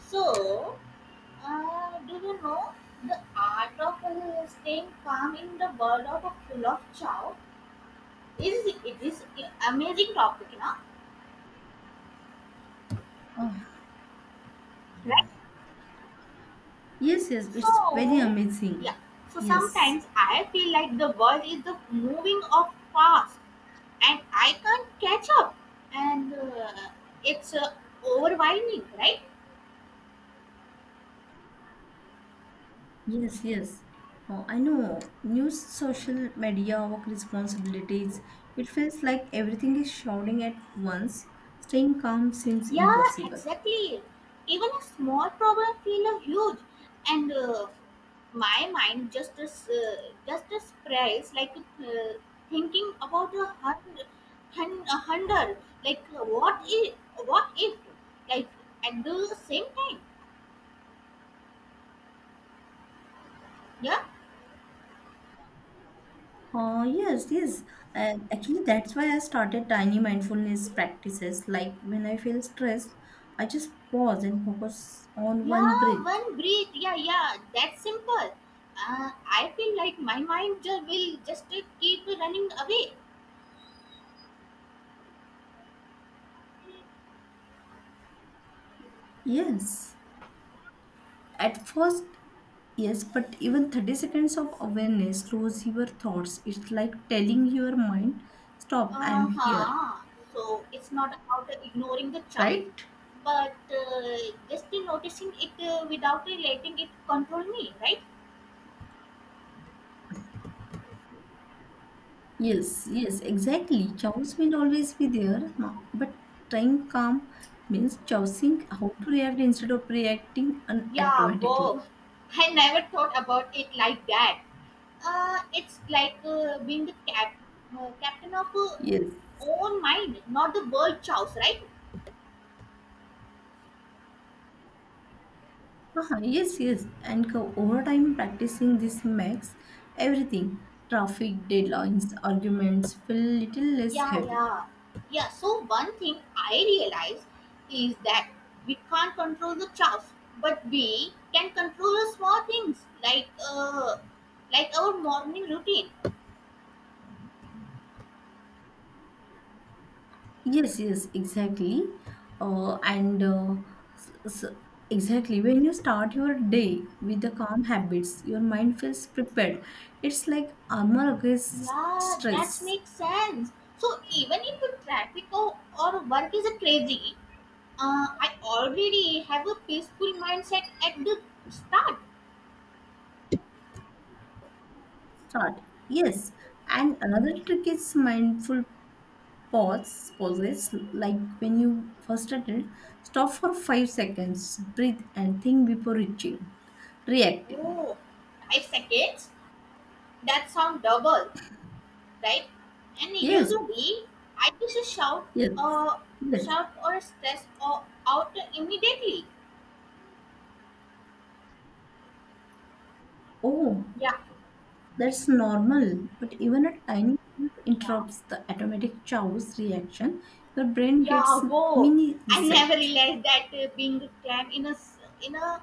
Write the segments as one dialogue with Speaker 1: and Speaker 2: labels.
Speaker 1: So, do you know the art of staying calm in the world of a full of chow is it is an amazing topic, you know?
Speaker 2: Oh,
Speaker 1: Right?
Speaker 2: yes, yes, it's very
Speaker 1: So,
Speaker 2: amazing.
Speaker 1: yeah. So
Speaker 2: Yes,
Speaker 1: sometimes I feel like the world is the moving of fast, and I can't catch up, and it's overwhelming, right?
Speaker 2: yes, yes. Oh, I know. News, social media, work responsibilities. It feels like everything is shouting at once. Staying calm seems
Speaker 1: Yeah,
Speaker 2: impossible.
Speaker 1: exactly. Even a small problem feel a huge, and my mind just as, just a sprays like uh, thinking about 100, 100. Like what if, like at the same time. Yeah,
Speaker 2: Oh, yes, yes. Actually, that's why I started tiny mindfulness practices. Like when I feel stressed, I just pause and focus on one
Speaker 1: yeah,
Speaker 2: breath.
Speaker 1: one breathe. Yeah, yeah, that's simple. I feel like my mind just will just keep running away.
Speaker 2: Yes. At first, yes, but even 30 seconds of awareness slows your thoughts. It's like telling your mind, stop,
Speaker 1: Uh
Speaker 2: I'm here,
Speaker 1: huh. So it's not about ignoring the chance,
Speaker 2: right?
Speaker 1: but just in noticing it without relating it control me, right?
Speaker 2: Yes, yes, exactly. Chaos will always be there, but trying calm means choosing how to react instead of reacting
Speaker 1: Yeah,
Speaker 2: automatically.
Speaker 1: wow! I never thought about it like that. It's like being the captain of
Speaker 2: Yes,
Speaker 1: own mind, not the world chows, right?
Speaker 2: yes, yes. And over time, practicing this makes everything, traffic, deadlines, arguments, feel little less
Speaker 1: Yeah,
Speaker 2: heavy.
Speaker 1: yeah, yeah. So one thing I realize is that we can't control the chows, but we can control the small things, like like our morning routine.
Speaker 2: Yes, yes, exactly. Uh, and uh, s- s- exactly, when you start your day with the calm habits, your mind feels prepared. It's like armor against
Speaker 1: Yeah, that
Speaker 2: stress.
Speaker 1: makes sense. So even if the traffic or work is crazy, I already have a peaceful mindset at the start.
Speaker 2: Start. Yes. And another trick is mindful pauses. Like when you first started, stop for 5 seconds, breathe, and think before reacting.
Speaker 1: Oh, 5 seconds? That sound double, right? And
Speaker 2: Yes,
Speaker 1: usually I just
Speaker 2: yes,
Speaker 1: uh,
Speaker 2: yes.
Speaker 1: shout or stress or out immediately.
Speaker 2: Oh,
Speaker 1: Yeah,
Speaker 2: that's normal, but even a tiny thing
Speaker 1: yeah.
Speaker 2: interrupts the automatic chaos reaction. Your brain gets
Speaker 1: Yeah, go.
Speaker 2: mini
Speaker 1: I never
Speaker 2: reset.
Speaker 1: realized that being clad in in a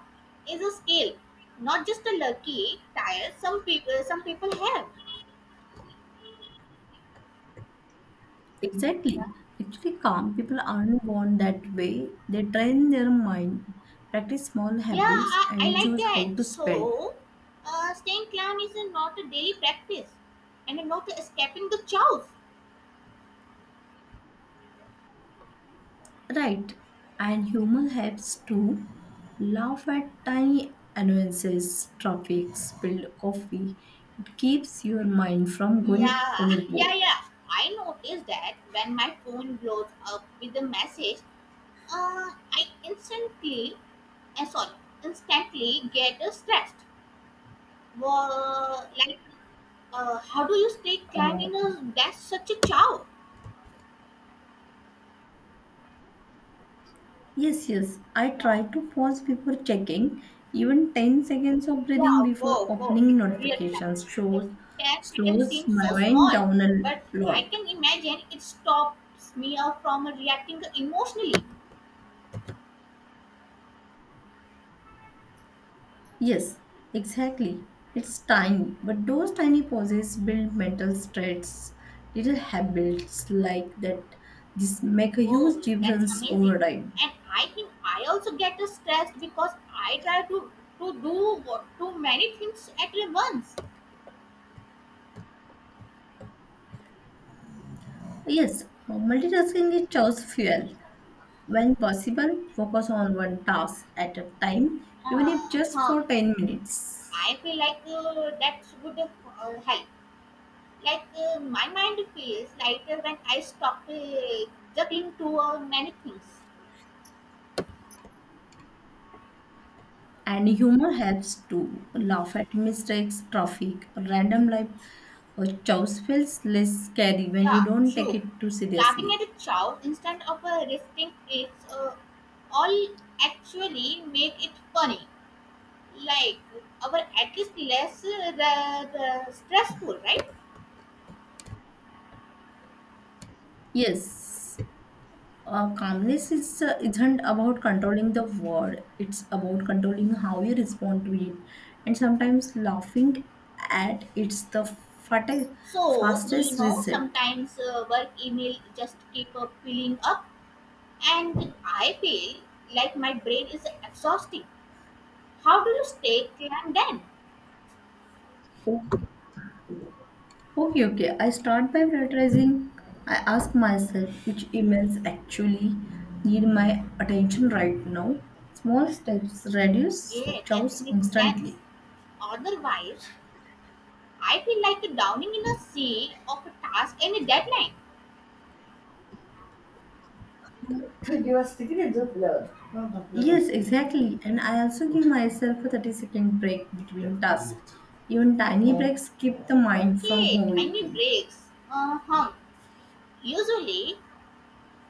Speaker 1: is a skill, not just a lucky tire. Some people have.
Speaker 2: Exactly. Actually, calm people aren't born that way. They train their mind, practice small
Speaker 1: Yeah,
Speaker 2: habits,
Speaker 1: I
Speaker 2: and
Speaker 1: like
Speaker 2: choose
Speaker 1: that.
Speaker 2: how to spend.
Speaker 1: So, staying calm is a, not a daily practice, and a not escaping the chaos.
Speaker 2: Right. And humor helps too. Laugh at tiny annoyances, traffic, spilled coffee. It keeps your mind from going
Speaker 1: Yeah,
Speaker 2: overboard.
Speaker 1: yeah, yeah. I noticed that when my phone blows up with a message, I instantly, sorry, instantly get stressed. Wha like, how do you stay
Speaker 2: Uh,
Speaker 1: cleanliness? That's such a chow.
Speaker 2: Yes, yes. I
Speaker 1: Yeah.
Speaker 2: try to pause before checking. Even 10 seconds of
Speaker 1: Yeah,
Speaker 2: breathing before
Speaker 1: whoa, whoa.
Speaker 2: opening
Speaker 1: It's really like,
Speaker 2: notifications
Speaker 1: like
Speaker 2: shows,
Speaker 1: 10 seconds
Speaker 2: slows
Speaker 1: seems
Speaker 2: my
Speaker 1: so
Speaker 2: mind
Speaker 1: small,
Speaker 2: down a
Speaker 1: but I
Speaker 2: lot.
Speaker 1: can imagine it stops me out from reacting emotionally.
Speaker 2: Yes, exactly. It's tiny, but those tiny pauses build mental strengths, little habits like that. This make a huge
Speaker 1: Whoa, that's
Speaker 2: difference
Speaker 1: amazing.
Speaker 2: over time.
Speaker 1: And I think I also get stressed because I try to do what, too many things at once.
Speaker 2: Yes, multitasking is chaos fuel. When possible, focus on one task at a time, even if just
Speaker 1: Huh.
Speaker 2: for 10 minutes.
Speaker 1: I feel like that would help. Like my mind feels lighter when I stop juggling too many things.
Speaker 2: And humor helps to laugh at mistakes, traffic, or random life or chores feels less scary when you
Speaker 1: Yeah,
Speaker 2: don't take
Speaker 1: true.
Speaker 2: it too
Speaker 1: Laughing
Speaker 2: seriously.
Speaker 1: at a child instead of resisting it all actually make it funny. Like our at least less stressful, right?
Speaker 2: Yes, calmness isn't about controlling the world; it's about controlling how you respond to it. And sometimes laughing at
Speaker 1: So do you
Speaker 2: fastest
Speaker 1: know
Speaker 2: reset.
Speaker 1: sometimes work email just keep filling up, and I feel like my brain is exhausting. How do you stay calm then?
Speaker 2: Okay, okay. I start by prioritizing. I ask myself which emails actually need my attention right now. Small steps reduce
Speaker 1: Yeah, that
Speaker 2: chaos
Speaker 1: makes sense.
Speaker 2: instantly.
Speaker 1: Otherwise, I feel like drowning in a sea of a task and a deadline.
Speaker 2: You are speaking in the blur. No, no, no. Yes, exactly. And I also give myself a 30-second break between tasks. Even tiny breaks keep the mind from
Speaker 1: Okay, tiny
Speaker 2: overeating.
Speaker 1: breaks. Uh huh. Usually,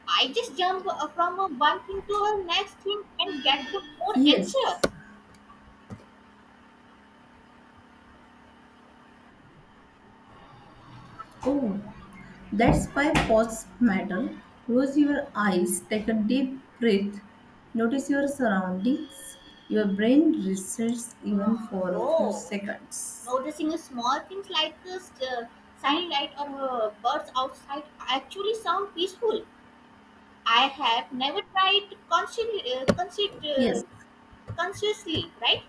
Speaker 1: I just jump from one thing to the next thing and get the more
Speaker 2: Yes.
Speaker 1: anxious.
Speaker 2: Oh, that's why pause matter. Close your eyes, take a deep breath, notice your surroundings. Your brain resets even for a few
Speaker 1: Whoa.
Speaker 2: seconds.
Speaker 1: Noticing small things like sunlight or birds outside actually sound peaceful. I have never tried
Speaker 2: Yes,
Speaker 1: consciously, right?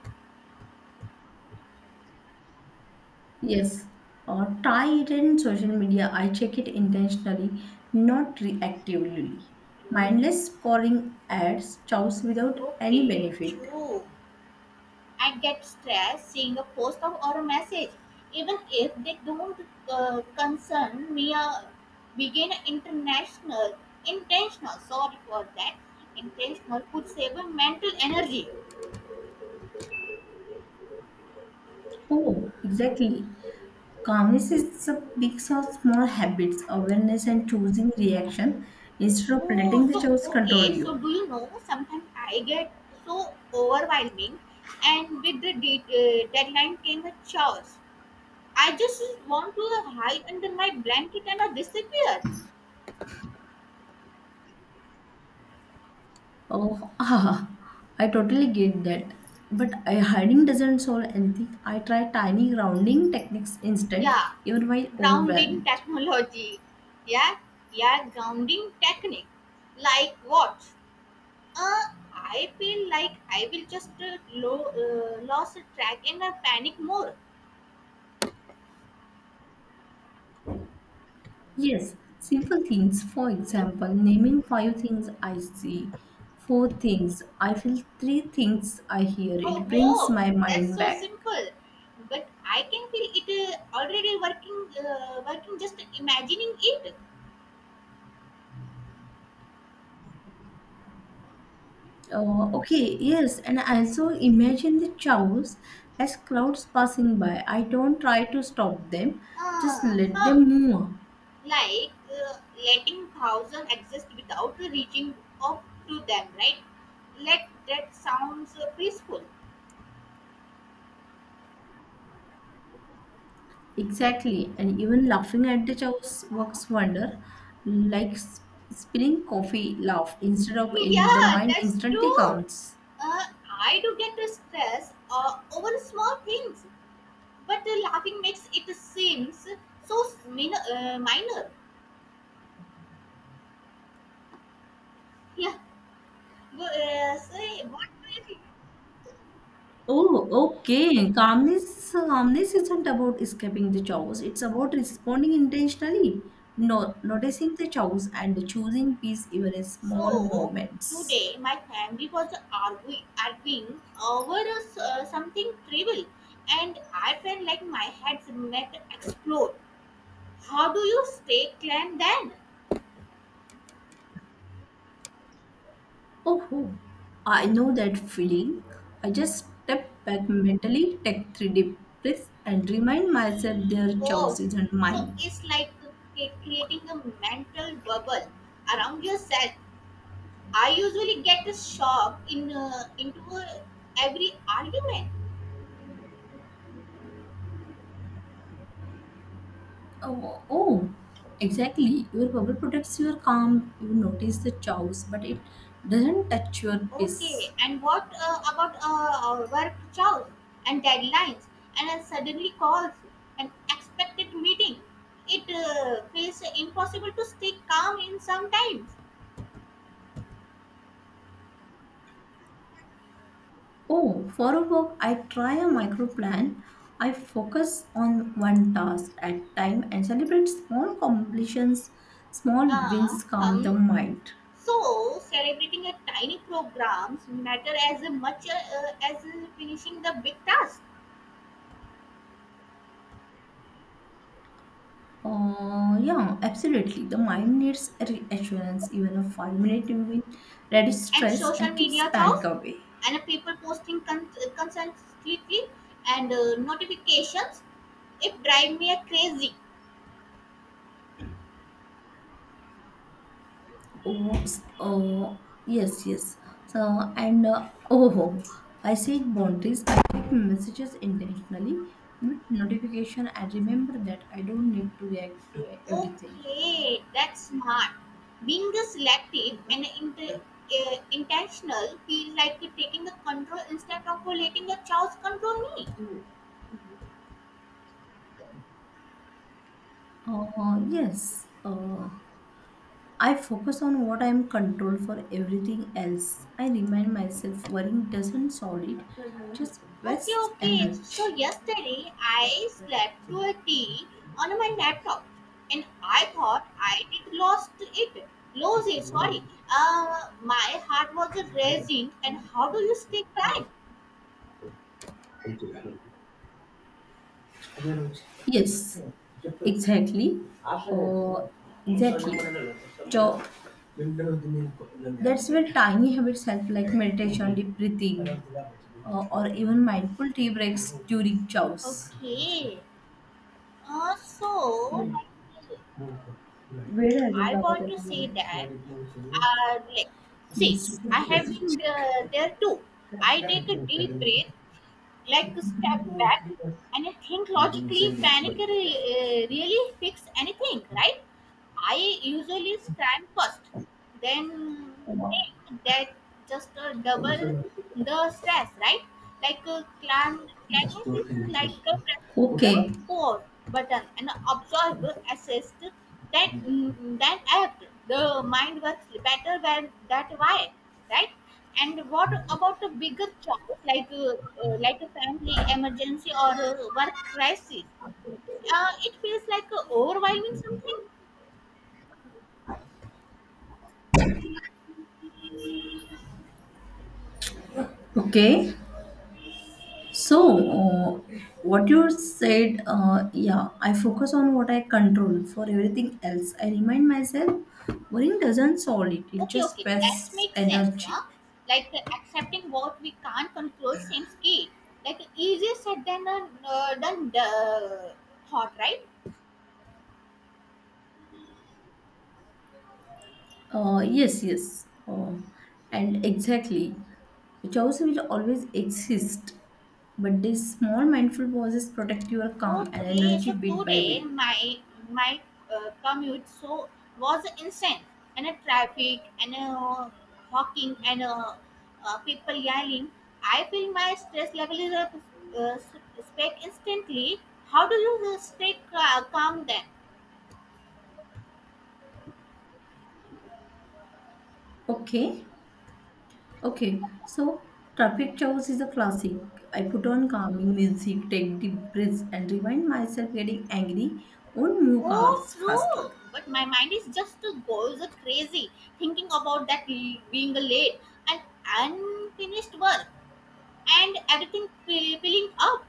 Speaker 2: yes. Or tie it in social media. I check it intentionally, not reactively. Mindless scoring ads chows without any
Speaker 1: Okay,
Speaker 2: benefit.
Speaker 1: true. I get stressed seeing a post or a message, even if they don't concern me. Begin international, intentional. Sorry for that. Intentional could save my mental energy.
Speaker 2: Oh, exactly. Calmness is a mix of small habits, awareness, and choosing reaction instead of letting
Speaker 1: Oh,
Speaker 2: the
Speaker 1: so
Speaker 2: choice control
Speaker 1: okay. So
Speaker 2: you.
Speaker 1: do you know? Sometimes I get so overwhelming, and with the deadline came a chores. I just want to hide under my blanket and disappear.
Speaker 2: Oh, ah, I totally get that. But I, hiding doesn't solve anything. I try tiny grounding techniques instead,
Speaker 1: Yeah,
Speaker 2: even while
Speaker 1: grounding
Speaker 2: overwhelmed.
Speaker 1: technology. Yeah, yeah, grounding technique. Like what? Uh, I feel like I will just lost track and I panic more.
Speaker 2: Yes, simple things. For
Speaker 1: Hmm?
Speaker 2: example, naming five things I see, four things I feel, three things I hear.
Speaker 1: Oh,
Speaker 2: It brings
Speaker 1: whoa,
Speaker 2: my
Speaker 1: that's
Speaker 2: mind
Speaker 1: so
Speaker 2: back.
Speaker 1: simple. But I can feel it already working. Working just imagining it.
Speaker 2: Okay, yes, and I also imagine the chows as clouds passing by. I don't try to stop them, just let
Speaker 1: Huh.
Speaker 2: them move.
Speaker 1: Like letting thousand exist without reaching up to them, right? Let, that sounds peaceful.
Speaker 2: Exactly, and even laughing at the chows
Speaker 1: Huh?
Speaker 2: works wonder, like spilling coffee laugh instead of ailing. The
Speaker 1: Yeah,
Speaker 2: mind
Speaker 1: that's
Speaker 2: instantly
Speaker 1: true.
Speaker 2: calms.
Speaker 1: uh, I do get stressed stress over small things, but laughing makes it seems so minor. Yeah. Say, what do you think?
Speaker 2: Oh, okay. Calmness isn't about escaping the chaos. It's about responding intentionally, no, noticing the chaos and choosing peace even in small
Speaker 1: So
Speaker 2: moments.
Speaker 1: today my family was arguing over a something trivial, and I felt like my head might explode. How do you stay calm then?
Speaker 2: Oh, oh, I know that feeling. I just step back mentally, take three deep breaths, and remind myself their chaos
Speaker 1: Oh,
Speaker 2: isn't
Speaker 1: so
Speaker 2: mine.
Speaker 1: it's like creating a mental bubble around yourself. I usually get shocked in into every argument.
Speaker 2: Oh, oh, exactly. Your bubble protects your calm. You notice the chaos, but it doesn't touch your peace.
Speaker 1: Okay, and what about work chores and deadlines and then suddenly calls and expected meeting? It feels impossible to stay calm in sometimes.
Speaker 2: Oh, for a work, I try a
Speaker 1: Okay.
Speaker 2: micro plan. I focus on one task at time and celebrate small completions. Small
Speaker 1: Uh,
Speaker 2: wins calm
Speaker 1: um,
Speaker 2: the mind.
Speaker 1: so, celebrating a tiny programs matter as much as finishing the big task.
Speaker 2: Yeah, absolutely. The mind needs a reassurance. Even a five-minute win reduces
Speaker 1: And
Speaker 2: stress
Speaker 1: social
Speaker 2: and keeps
Speaker 1: media
Speaker 2: panic
Speaker 1: chores
Speaker 2: away.
Speaker 1: and people posting constantly and notifications, it drive me crazy.
Speaker 2: Oh, yes, yes. So, I set boundaries. I check messages intentionally, mute notification. I remember that I don't need to react to everything.
Speaker 1: Okay, that's smart. Being a selective and intentional feels like taking the control instead of letting the chaos control me.
Speaker 2: Yes, I focus on what I'm control for everything else. I remind myself worrying doesn't solve it, just
Speaker 1: Okay,
Speaker 2: wastes
Speaker 1: okay. So,
Speaker 2: energy.
Speaker 1: yesterday I slept to a T on my laptop, and I thought I did lost it. Lose it. Sorry. My heart was racing. And how do you stay calm?
Speaker 2: Yes, exactly. Oh, exactly. So that's where tiny habits help, like meditation, deep breathing, or even mindful tea breaks during chows.
Speaker 1: Okay. So like,
Speaker 2: वेळ आहे अजून
Speaker 1: I
Speaker 2: Baba
Speaker 1: want to say
Speaker 2: त्याला.
Speaker 1: that, like, see,
Speaker 2: Yes.
Speaker 1: I have been there too. I take a deep breath, like a step back, and I think logically. Panic really fix anything, right? I usually scram first, then that just double the stress, right? Like clamness is like pressing the
Speaker 2: Okay.
Speaker 1: pause button and observe, assist that act. The mind works better when that why, right? And what about the bigger choice like a family emergency or a work crisis? It feels like overwhelming something.
Speaker 2: Okay. So, what you said, yeah, I focus on what I control for everything else. I remind myself, worrying doesn't solve it, it
Speaker 1: Okay,
Speaker 2: just
Speaker 1: okay, that
Speaker 2: wastes
Speaker 1: makes sense,
Speaker 2: energy.
Speaker 1: huh? Like accepting what we can't control seems key. Like easier said than the thought, right?
Speaker 2: Yes, yes, and Exactly. The choice will always exist, but these small mindful pauses protect your calm and
Speaker 1: Okay,
Speaker 2: energy
Speaker 1: so
Speaker 2: bit by
Speaker 1: today
Speaker 2: bit.
Speaker 1: my commute so was insane, and a traffic and hawking and people yelling. I feel my stress level is up, uh, s- spike instantly. How do you stay calm then?
Speaker 2: Okay. Okay, so traffic chows is a classic. I put on calming music, take deep breaths, and remind myself getting angry won't move
Speaker 1: Oh,
Speaker 2: cars faster.
Speaker 1: true. But my mind is just goes crazy thinking about that being late and unfinished work and everything filling up.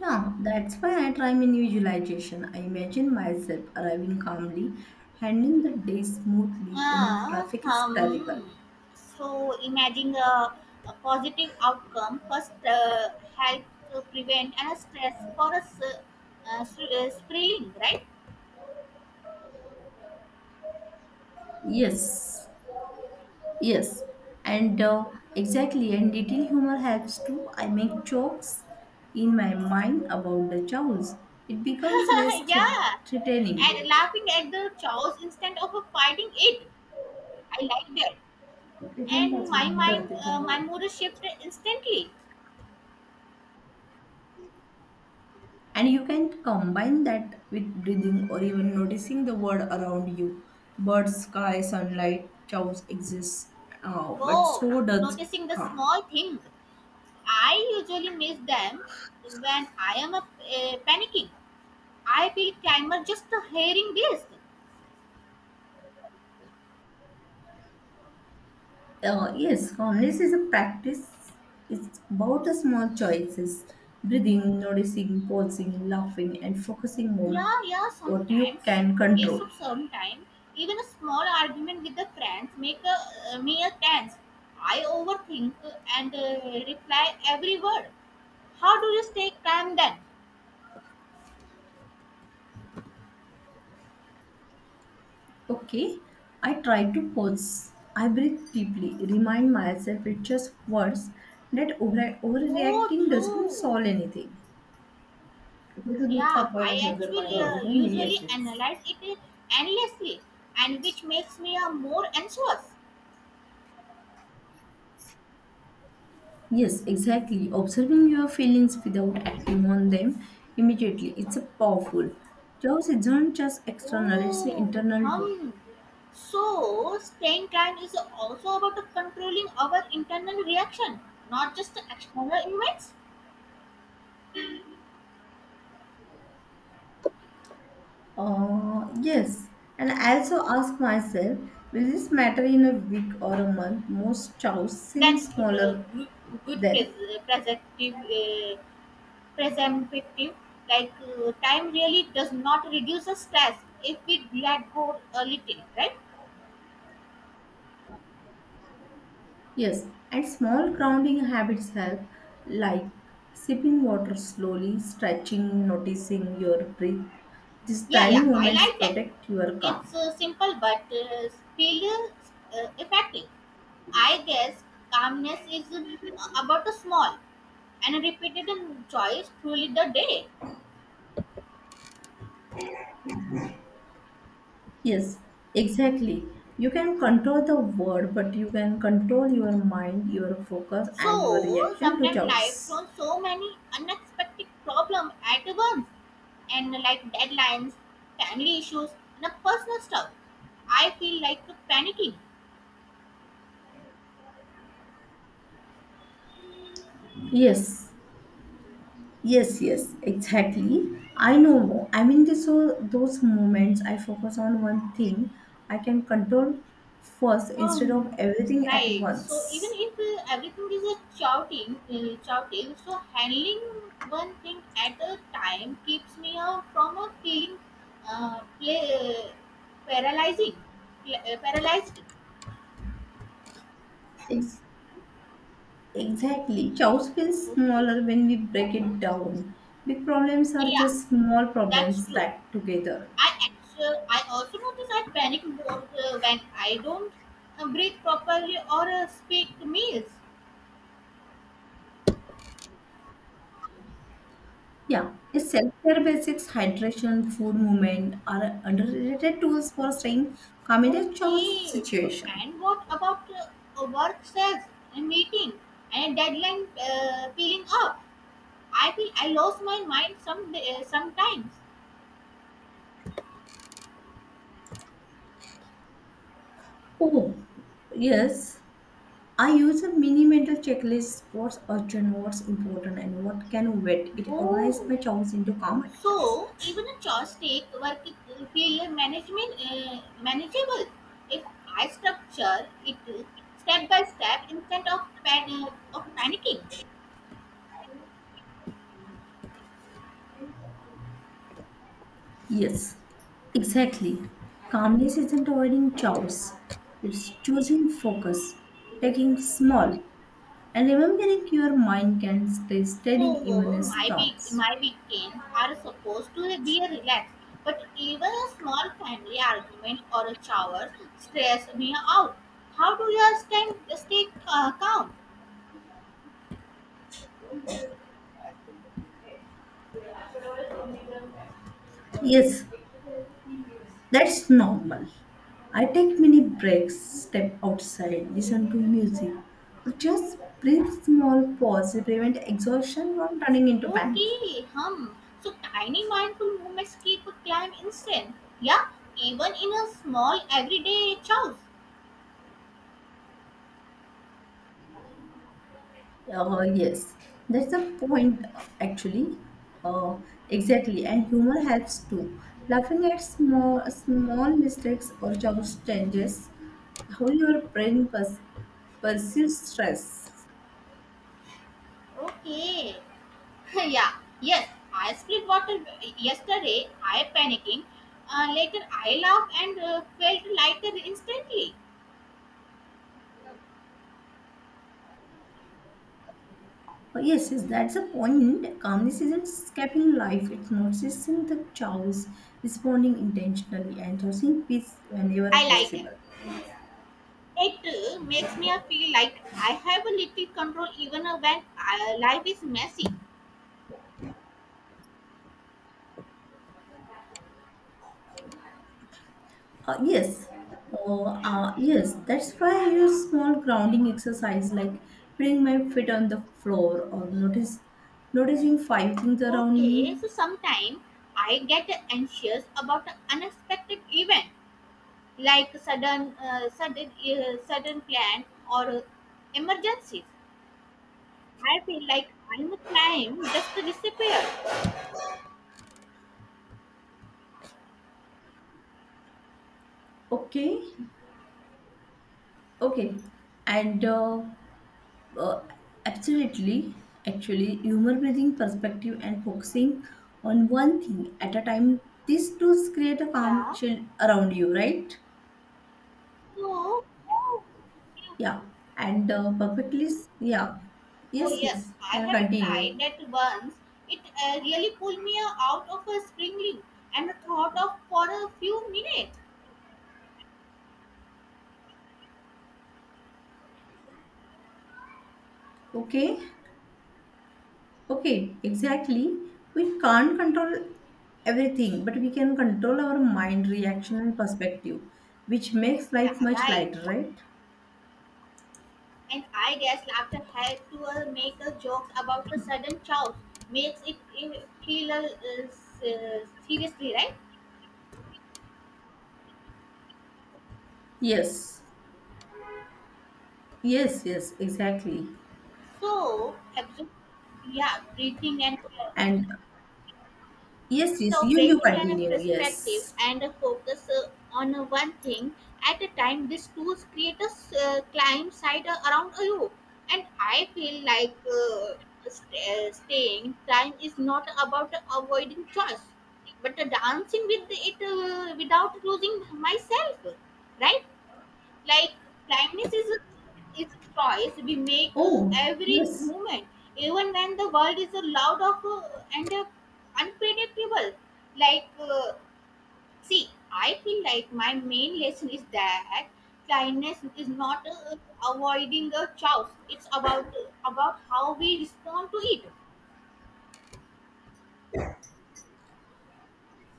Speaker 2: Yeah, that's why I try my new visualization. I imagine myself arriving calmly, handling the day smoothly, even if
Speaker 1: Ah,
Speaker 2: traffic is terrible.
Speaker 1: um, so imagine a positive outcome first help to prevent a stress for us spring, right?
Speaker 2: Yes, Yes, and Exactly, and detail humor helps too. I make jokes in my mind about the chows. It becomes less
Speaker 1: yeah,
Speaker 2: threatening.
Speaker 1: and laughing at the chaos instead of fighting it. I like that.
Speaker 2: ते थांब
Speaker 1: And
Speaker 2: पाच minute करते चहा.
Speaker 1: my mood shifted instantly.
Speaker 2: And you can combine that with breathing or even noticing the world around you. Birds, sky, sunlight, chows exists, but
Speaker 1: Whoa,
Speaker 2: so does
Speaker 1: noticing the
Speaker 2: calm.
Speaker 1: small thing, I usually miss them when I am panicking. I feel timer just hearing this.
Speaker 2: Yes, calmness is a practice. It's about the small choices, breathing, noticing, pausing, laughing, and focusing on
Speaker 1: Yeah, yeah,
Speaker 2: what you
Speaker 1: sometimes.
Speaker 2: can
Speaker 1: Okay,
Speaker 2: control.
Speaker 1: so sometimes even a small argument with the friends make me a tense. I overthink and reply every word. How do you stay calm then?
Speaker 2: Okay, I try to pause. I breathe deeply, remind myself it's just words that
Speaker 1: Oh,
Speaker 2: overreacting doesn't
Speaker 1: true.
Speaker 2: solve anything. तिथं दूध
Speaker 1: Yeah,
Speaker 2: तापवायला
Speaker 1: I
Speaker 2: ठेव जर बाहेर
Speaker 1: actually
Speaker 2: हं. गेली तर मी
Speaker 1: usually
Speaker 2: येतेच.
Speaker 1: analyze it endlessly, and which makes me more anxious.
Speaker 2: Yes, exactly. Observing your feelings without
Speaker 1: Okay.
Speaker 2: acting on them immediately. It's a powerful. Chaos isn't just external, it's
Speaker 1: Oh,
Speaker 2: internal too.
Speaker 1: hum. So, staying time is also about controlling our internal reaction, not just the external events.
Speaker 2: Yes, and I also ask myself, will this matter in a week or a month? Most chows seem
Speaker 1: That's good,
Speaker 2: smaller
Speaker 1: good
Speaker 2: then.
Speaker 1: perspective. Perspective. Like time really does not reduce the stress if we let go a little, right?
Speaker 2: Yes, and small grounding habits help, like sipping water slowly, stretching, noticing your breath. These
Speaker 1: Yeah,
Speaker 2: tiny
Speaker 1: yeah, I
Speaker 2: moments
Speaker 1: like that.
Speaker 2: protect your calm.
Speaker 1: It's simple but still effective. I guess calmness is about a small and repeated choice truly the day.
Speaker 2: Yes, exactly. You can control the word, but you can control your mind, your focus, and your
Speaker 1: So
Speaker 2: reaction to
Speaker 1: sometimes life
Speaker 2: choice.
Speaker 1: throws so many unexpected problems at once, and like deadlines, family issues, and a personal stuff. I feel like panicking.
Speaker 2: Yes, yes, exactly. I know. I mean, this, so those moments I focus on one thing, I can control first instead of
Speaker 1: Um,
Speaker 2: everything at
Speaker 1: right. So even
Speaker 2: once.
Speaker 1: if everything is a shouting, so handling one thing at a time keeps me out from a feeling uh, pla- paralyzing, paralyzed.
Speaker 2: Ex- Exactly. Chaos feels
Speaker 1: Okay.
Speaker 2: smaller when we break it down. Big problems are
Speaker 1: Yeah,
Speaker 2: just small
Speaker 1: that's
Speaker 2: problems
Speaker 1: true.
Speaker 2: stacked together.
Speaker 1: I actually, I also notice I panic more when I don't breathe properly or speak meals.
Speaker 2: Yeah, is self-care basics, hydration, food movement are underrated tools for staying calm in a chaos
Speaker 1: Okay, so
Speaker 2: situation.
Speaker 1: and what about work stress and meeting and deadline peeling up? I feel I lost my mind sometimes.
Speaker 2: Oh, yes. I use a mini mental checklist. What's urgent, what's important, and what can wait. It organized
Speaker 1: Oh,
Speaker 2: my chaos into calm
Speaker 1: so
Speaker 2: actions.
Speaker 1: even a joystick work it feel management manageable if I structure it step by step instead of of panicking.
Speaker 2: Yes, exactly. Calmness isn't avoiding chaos. It's choosing focus, taking small, and remembering your mind can stay
Speaker 1: So
Speaker 2: steady even in
Speaker 1: my
Speaker 2: storms.
Speaker 1: weekends are supposed to be relaxed, but even a small family argument or a shower stress me out. How do you stay calm?
Speaker 2: Yes, that's normal. I take mini breaks, step outside, listen to music, or just breathe small pause to prevent exhaustion from turning into panic.
Speaker 1: Okay, hum. So tiny mindful movements keep a climb instant. Yeah, even in a small everyday chores.
Speaker 2: Yes, that's the point actually. Uh, exactly, and humor helps too. Laughing at small mistakes or job changes how your brain perceives stress.
Speaker 1: Okay. yeah. Yes, I split water yesterday. I panicking. Later I laughed and felt lighter instantly.
Speaker 2: Oh, yes, yes, that's a point. Calmness isn't escaping life, it's noticing the chaos, responding intentionally, and choosing peace whenever
Speaker 1: I like that.
Speaker 2: possible.
Speaker 1: It makes me feel like I have a little control even when life is messy.
Speaker 2: Uh, yes, yes, that's why I use small grounding exercise like putting my feet on the floor or notice noticing five things around
Speaker 1: Okay,
Speaker 2: me.
Speaker 1: so sometimes I get anxious about an unexpected event like sudden plan or emergencies. I feel like I'm a climb just disappeared.
Speaker 2: Okay, okay, and Uh, Absolutely. Actually, humor breathing perspective and focusing on one thing at a time, these tools create a calm
Speaker 1: Yeah.
Speaker 2: shield around you, right?
Speaker 1: So, how do you—
Speaker 2: Yeah. Yeah.
Speaker 1: Oh
Speaker 2: Yes,
Speaker 1: yes,
Speaker 2: yes.
Speaker 1: I
Speaker 2: Can I
Speaker 1: have tried
Speaker 2: continue?
Speaker 1: that once. It really pulled me out of a springling and thought of for a few minutes.
Speaker 2: Okay. Okay, exactly. We can't control everything, but we can control our mind reaction and perspective, which makes
Speaker 1: Yeah,
Speaker 2: life much
Speaker 1: right.
Speaker 2: lighter, right?
Speaker 1: And I guess laughter helped to make a joke about the sudden chows makes it feel seriously, right?
Speaker 2: Yes, yes, yes, exactly.
Speaker 1: So, yeah, breathing and
Speaker 2: And yes, yes,
Speaker 1: So
Speaker 2: you
Speaker 1: breaking down a
Speaker 2: continue.
Speaker 1: perspective
Speaker 2: Yes.
Speaker 1: and a focus on one thing at a time, these tools create a climb side around you. And I feel like staying time is not about avoiding choice, but dancing with it without losing myself, right? Like blindness is a choice we make
Speaker 2: Oh,
Speaker 1: every
Speaker 2: yes.
Speaker 1: moment even when the world is a loud of and unpredictable, like see, I feel like my main lesson is that blindness is not avoiding a choice, it's about how we respond to it.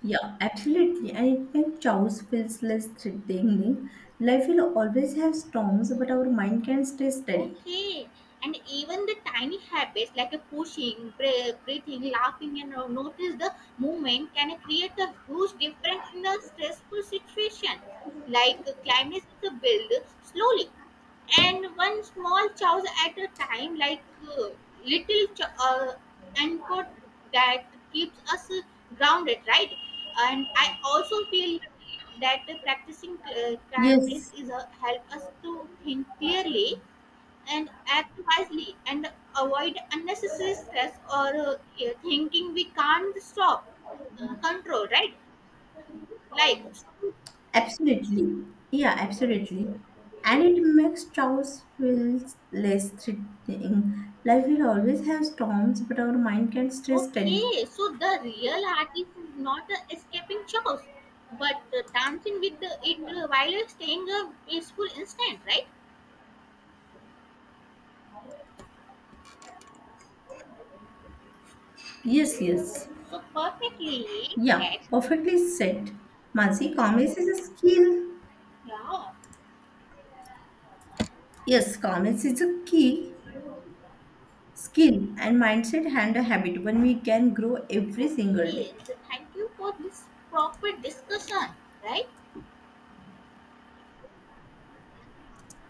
Speaker 2: Yeah, absolutely. I think chaos feels less threatening. Life will always have storms, but our mind can stay steady.
Speaker 1: Okay, and even the tiny habits like a pushing, breathing, laughing, and notice the movement can create a huge difference in a stressful situation. Like climate is a build slowly, and one small choice at a time, like uh, little anchor that keeps us grounded, right? And I also feel that practicing kindness
Speaker 2: Yes,
Speaker 1: is a help us to think clearly and act wisely and avoid unnecessary stress or thinking we can't stop control, right, like
Speaker 2: absolutely. Yeah, absolutely. And it makes chaos feel less threatening. Life will always have storms, but our mind can stay steady.
Speaker 1: Okay, so the real art is not escaping chaos but dancing with it while staying a peaceful instant, right?
Speaker 2: Yes, yes.
Speaker 1: So perfectly
Speaker 2: Yeah,
Speaker 1: yes.
Speaker 2: perfectly said. Mansi, calmness is a skill.
Speaker 1: Yeah.
Speaker 2: Yes, comments is a key skill and mindset and a habit when we can grow every single
Speaker 1: Okay,
Speaker 2: day.
Speaker 1: so thank you for this proper discussion, right?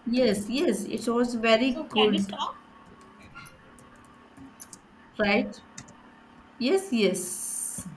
Speaker 2: Yes, yes, it was
Speaker 1: So
Speaker 2: very
Speaker 1: can we
Speaker 2: good,
Speaker 1: stop?
Speaker 2: right? Yes, yes.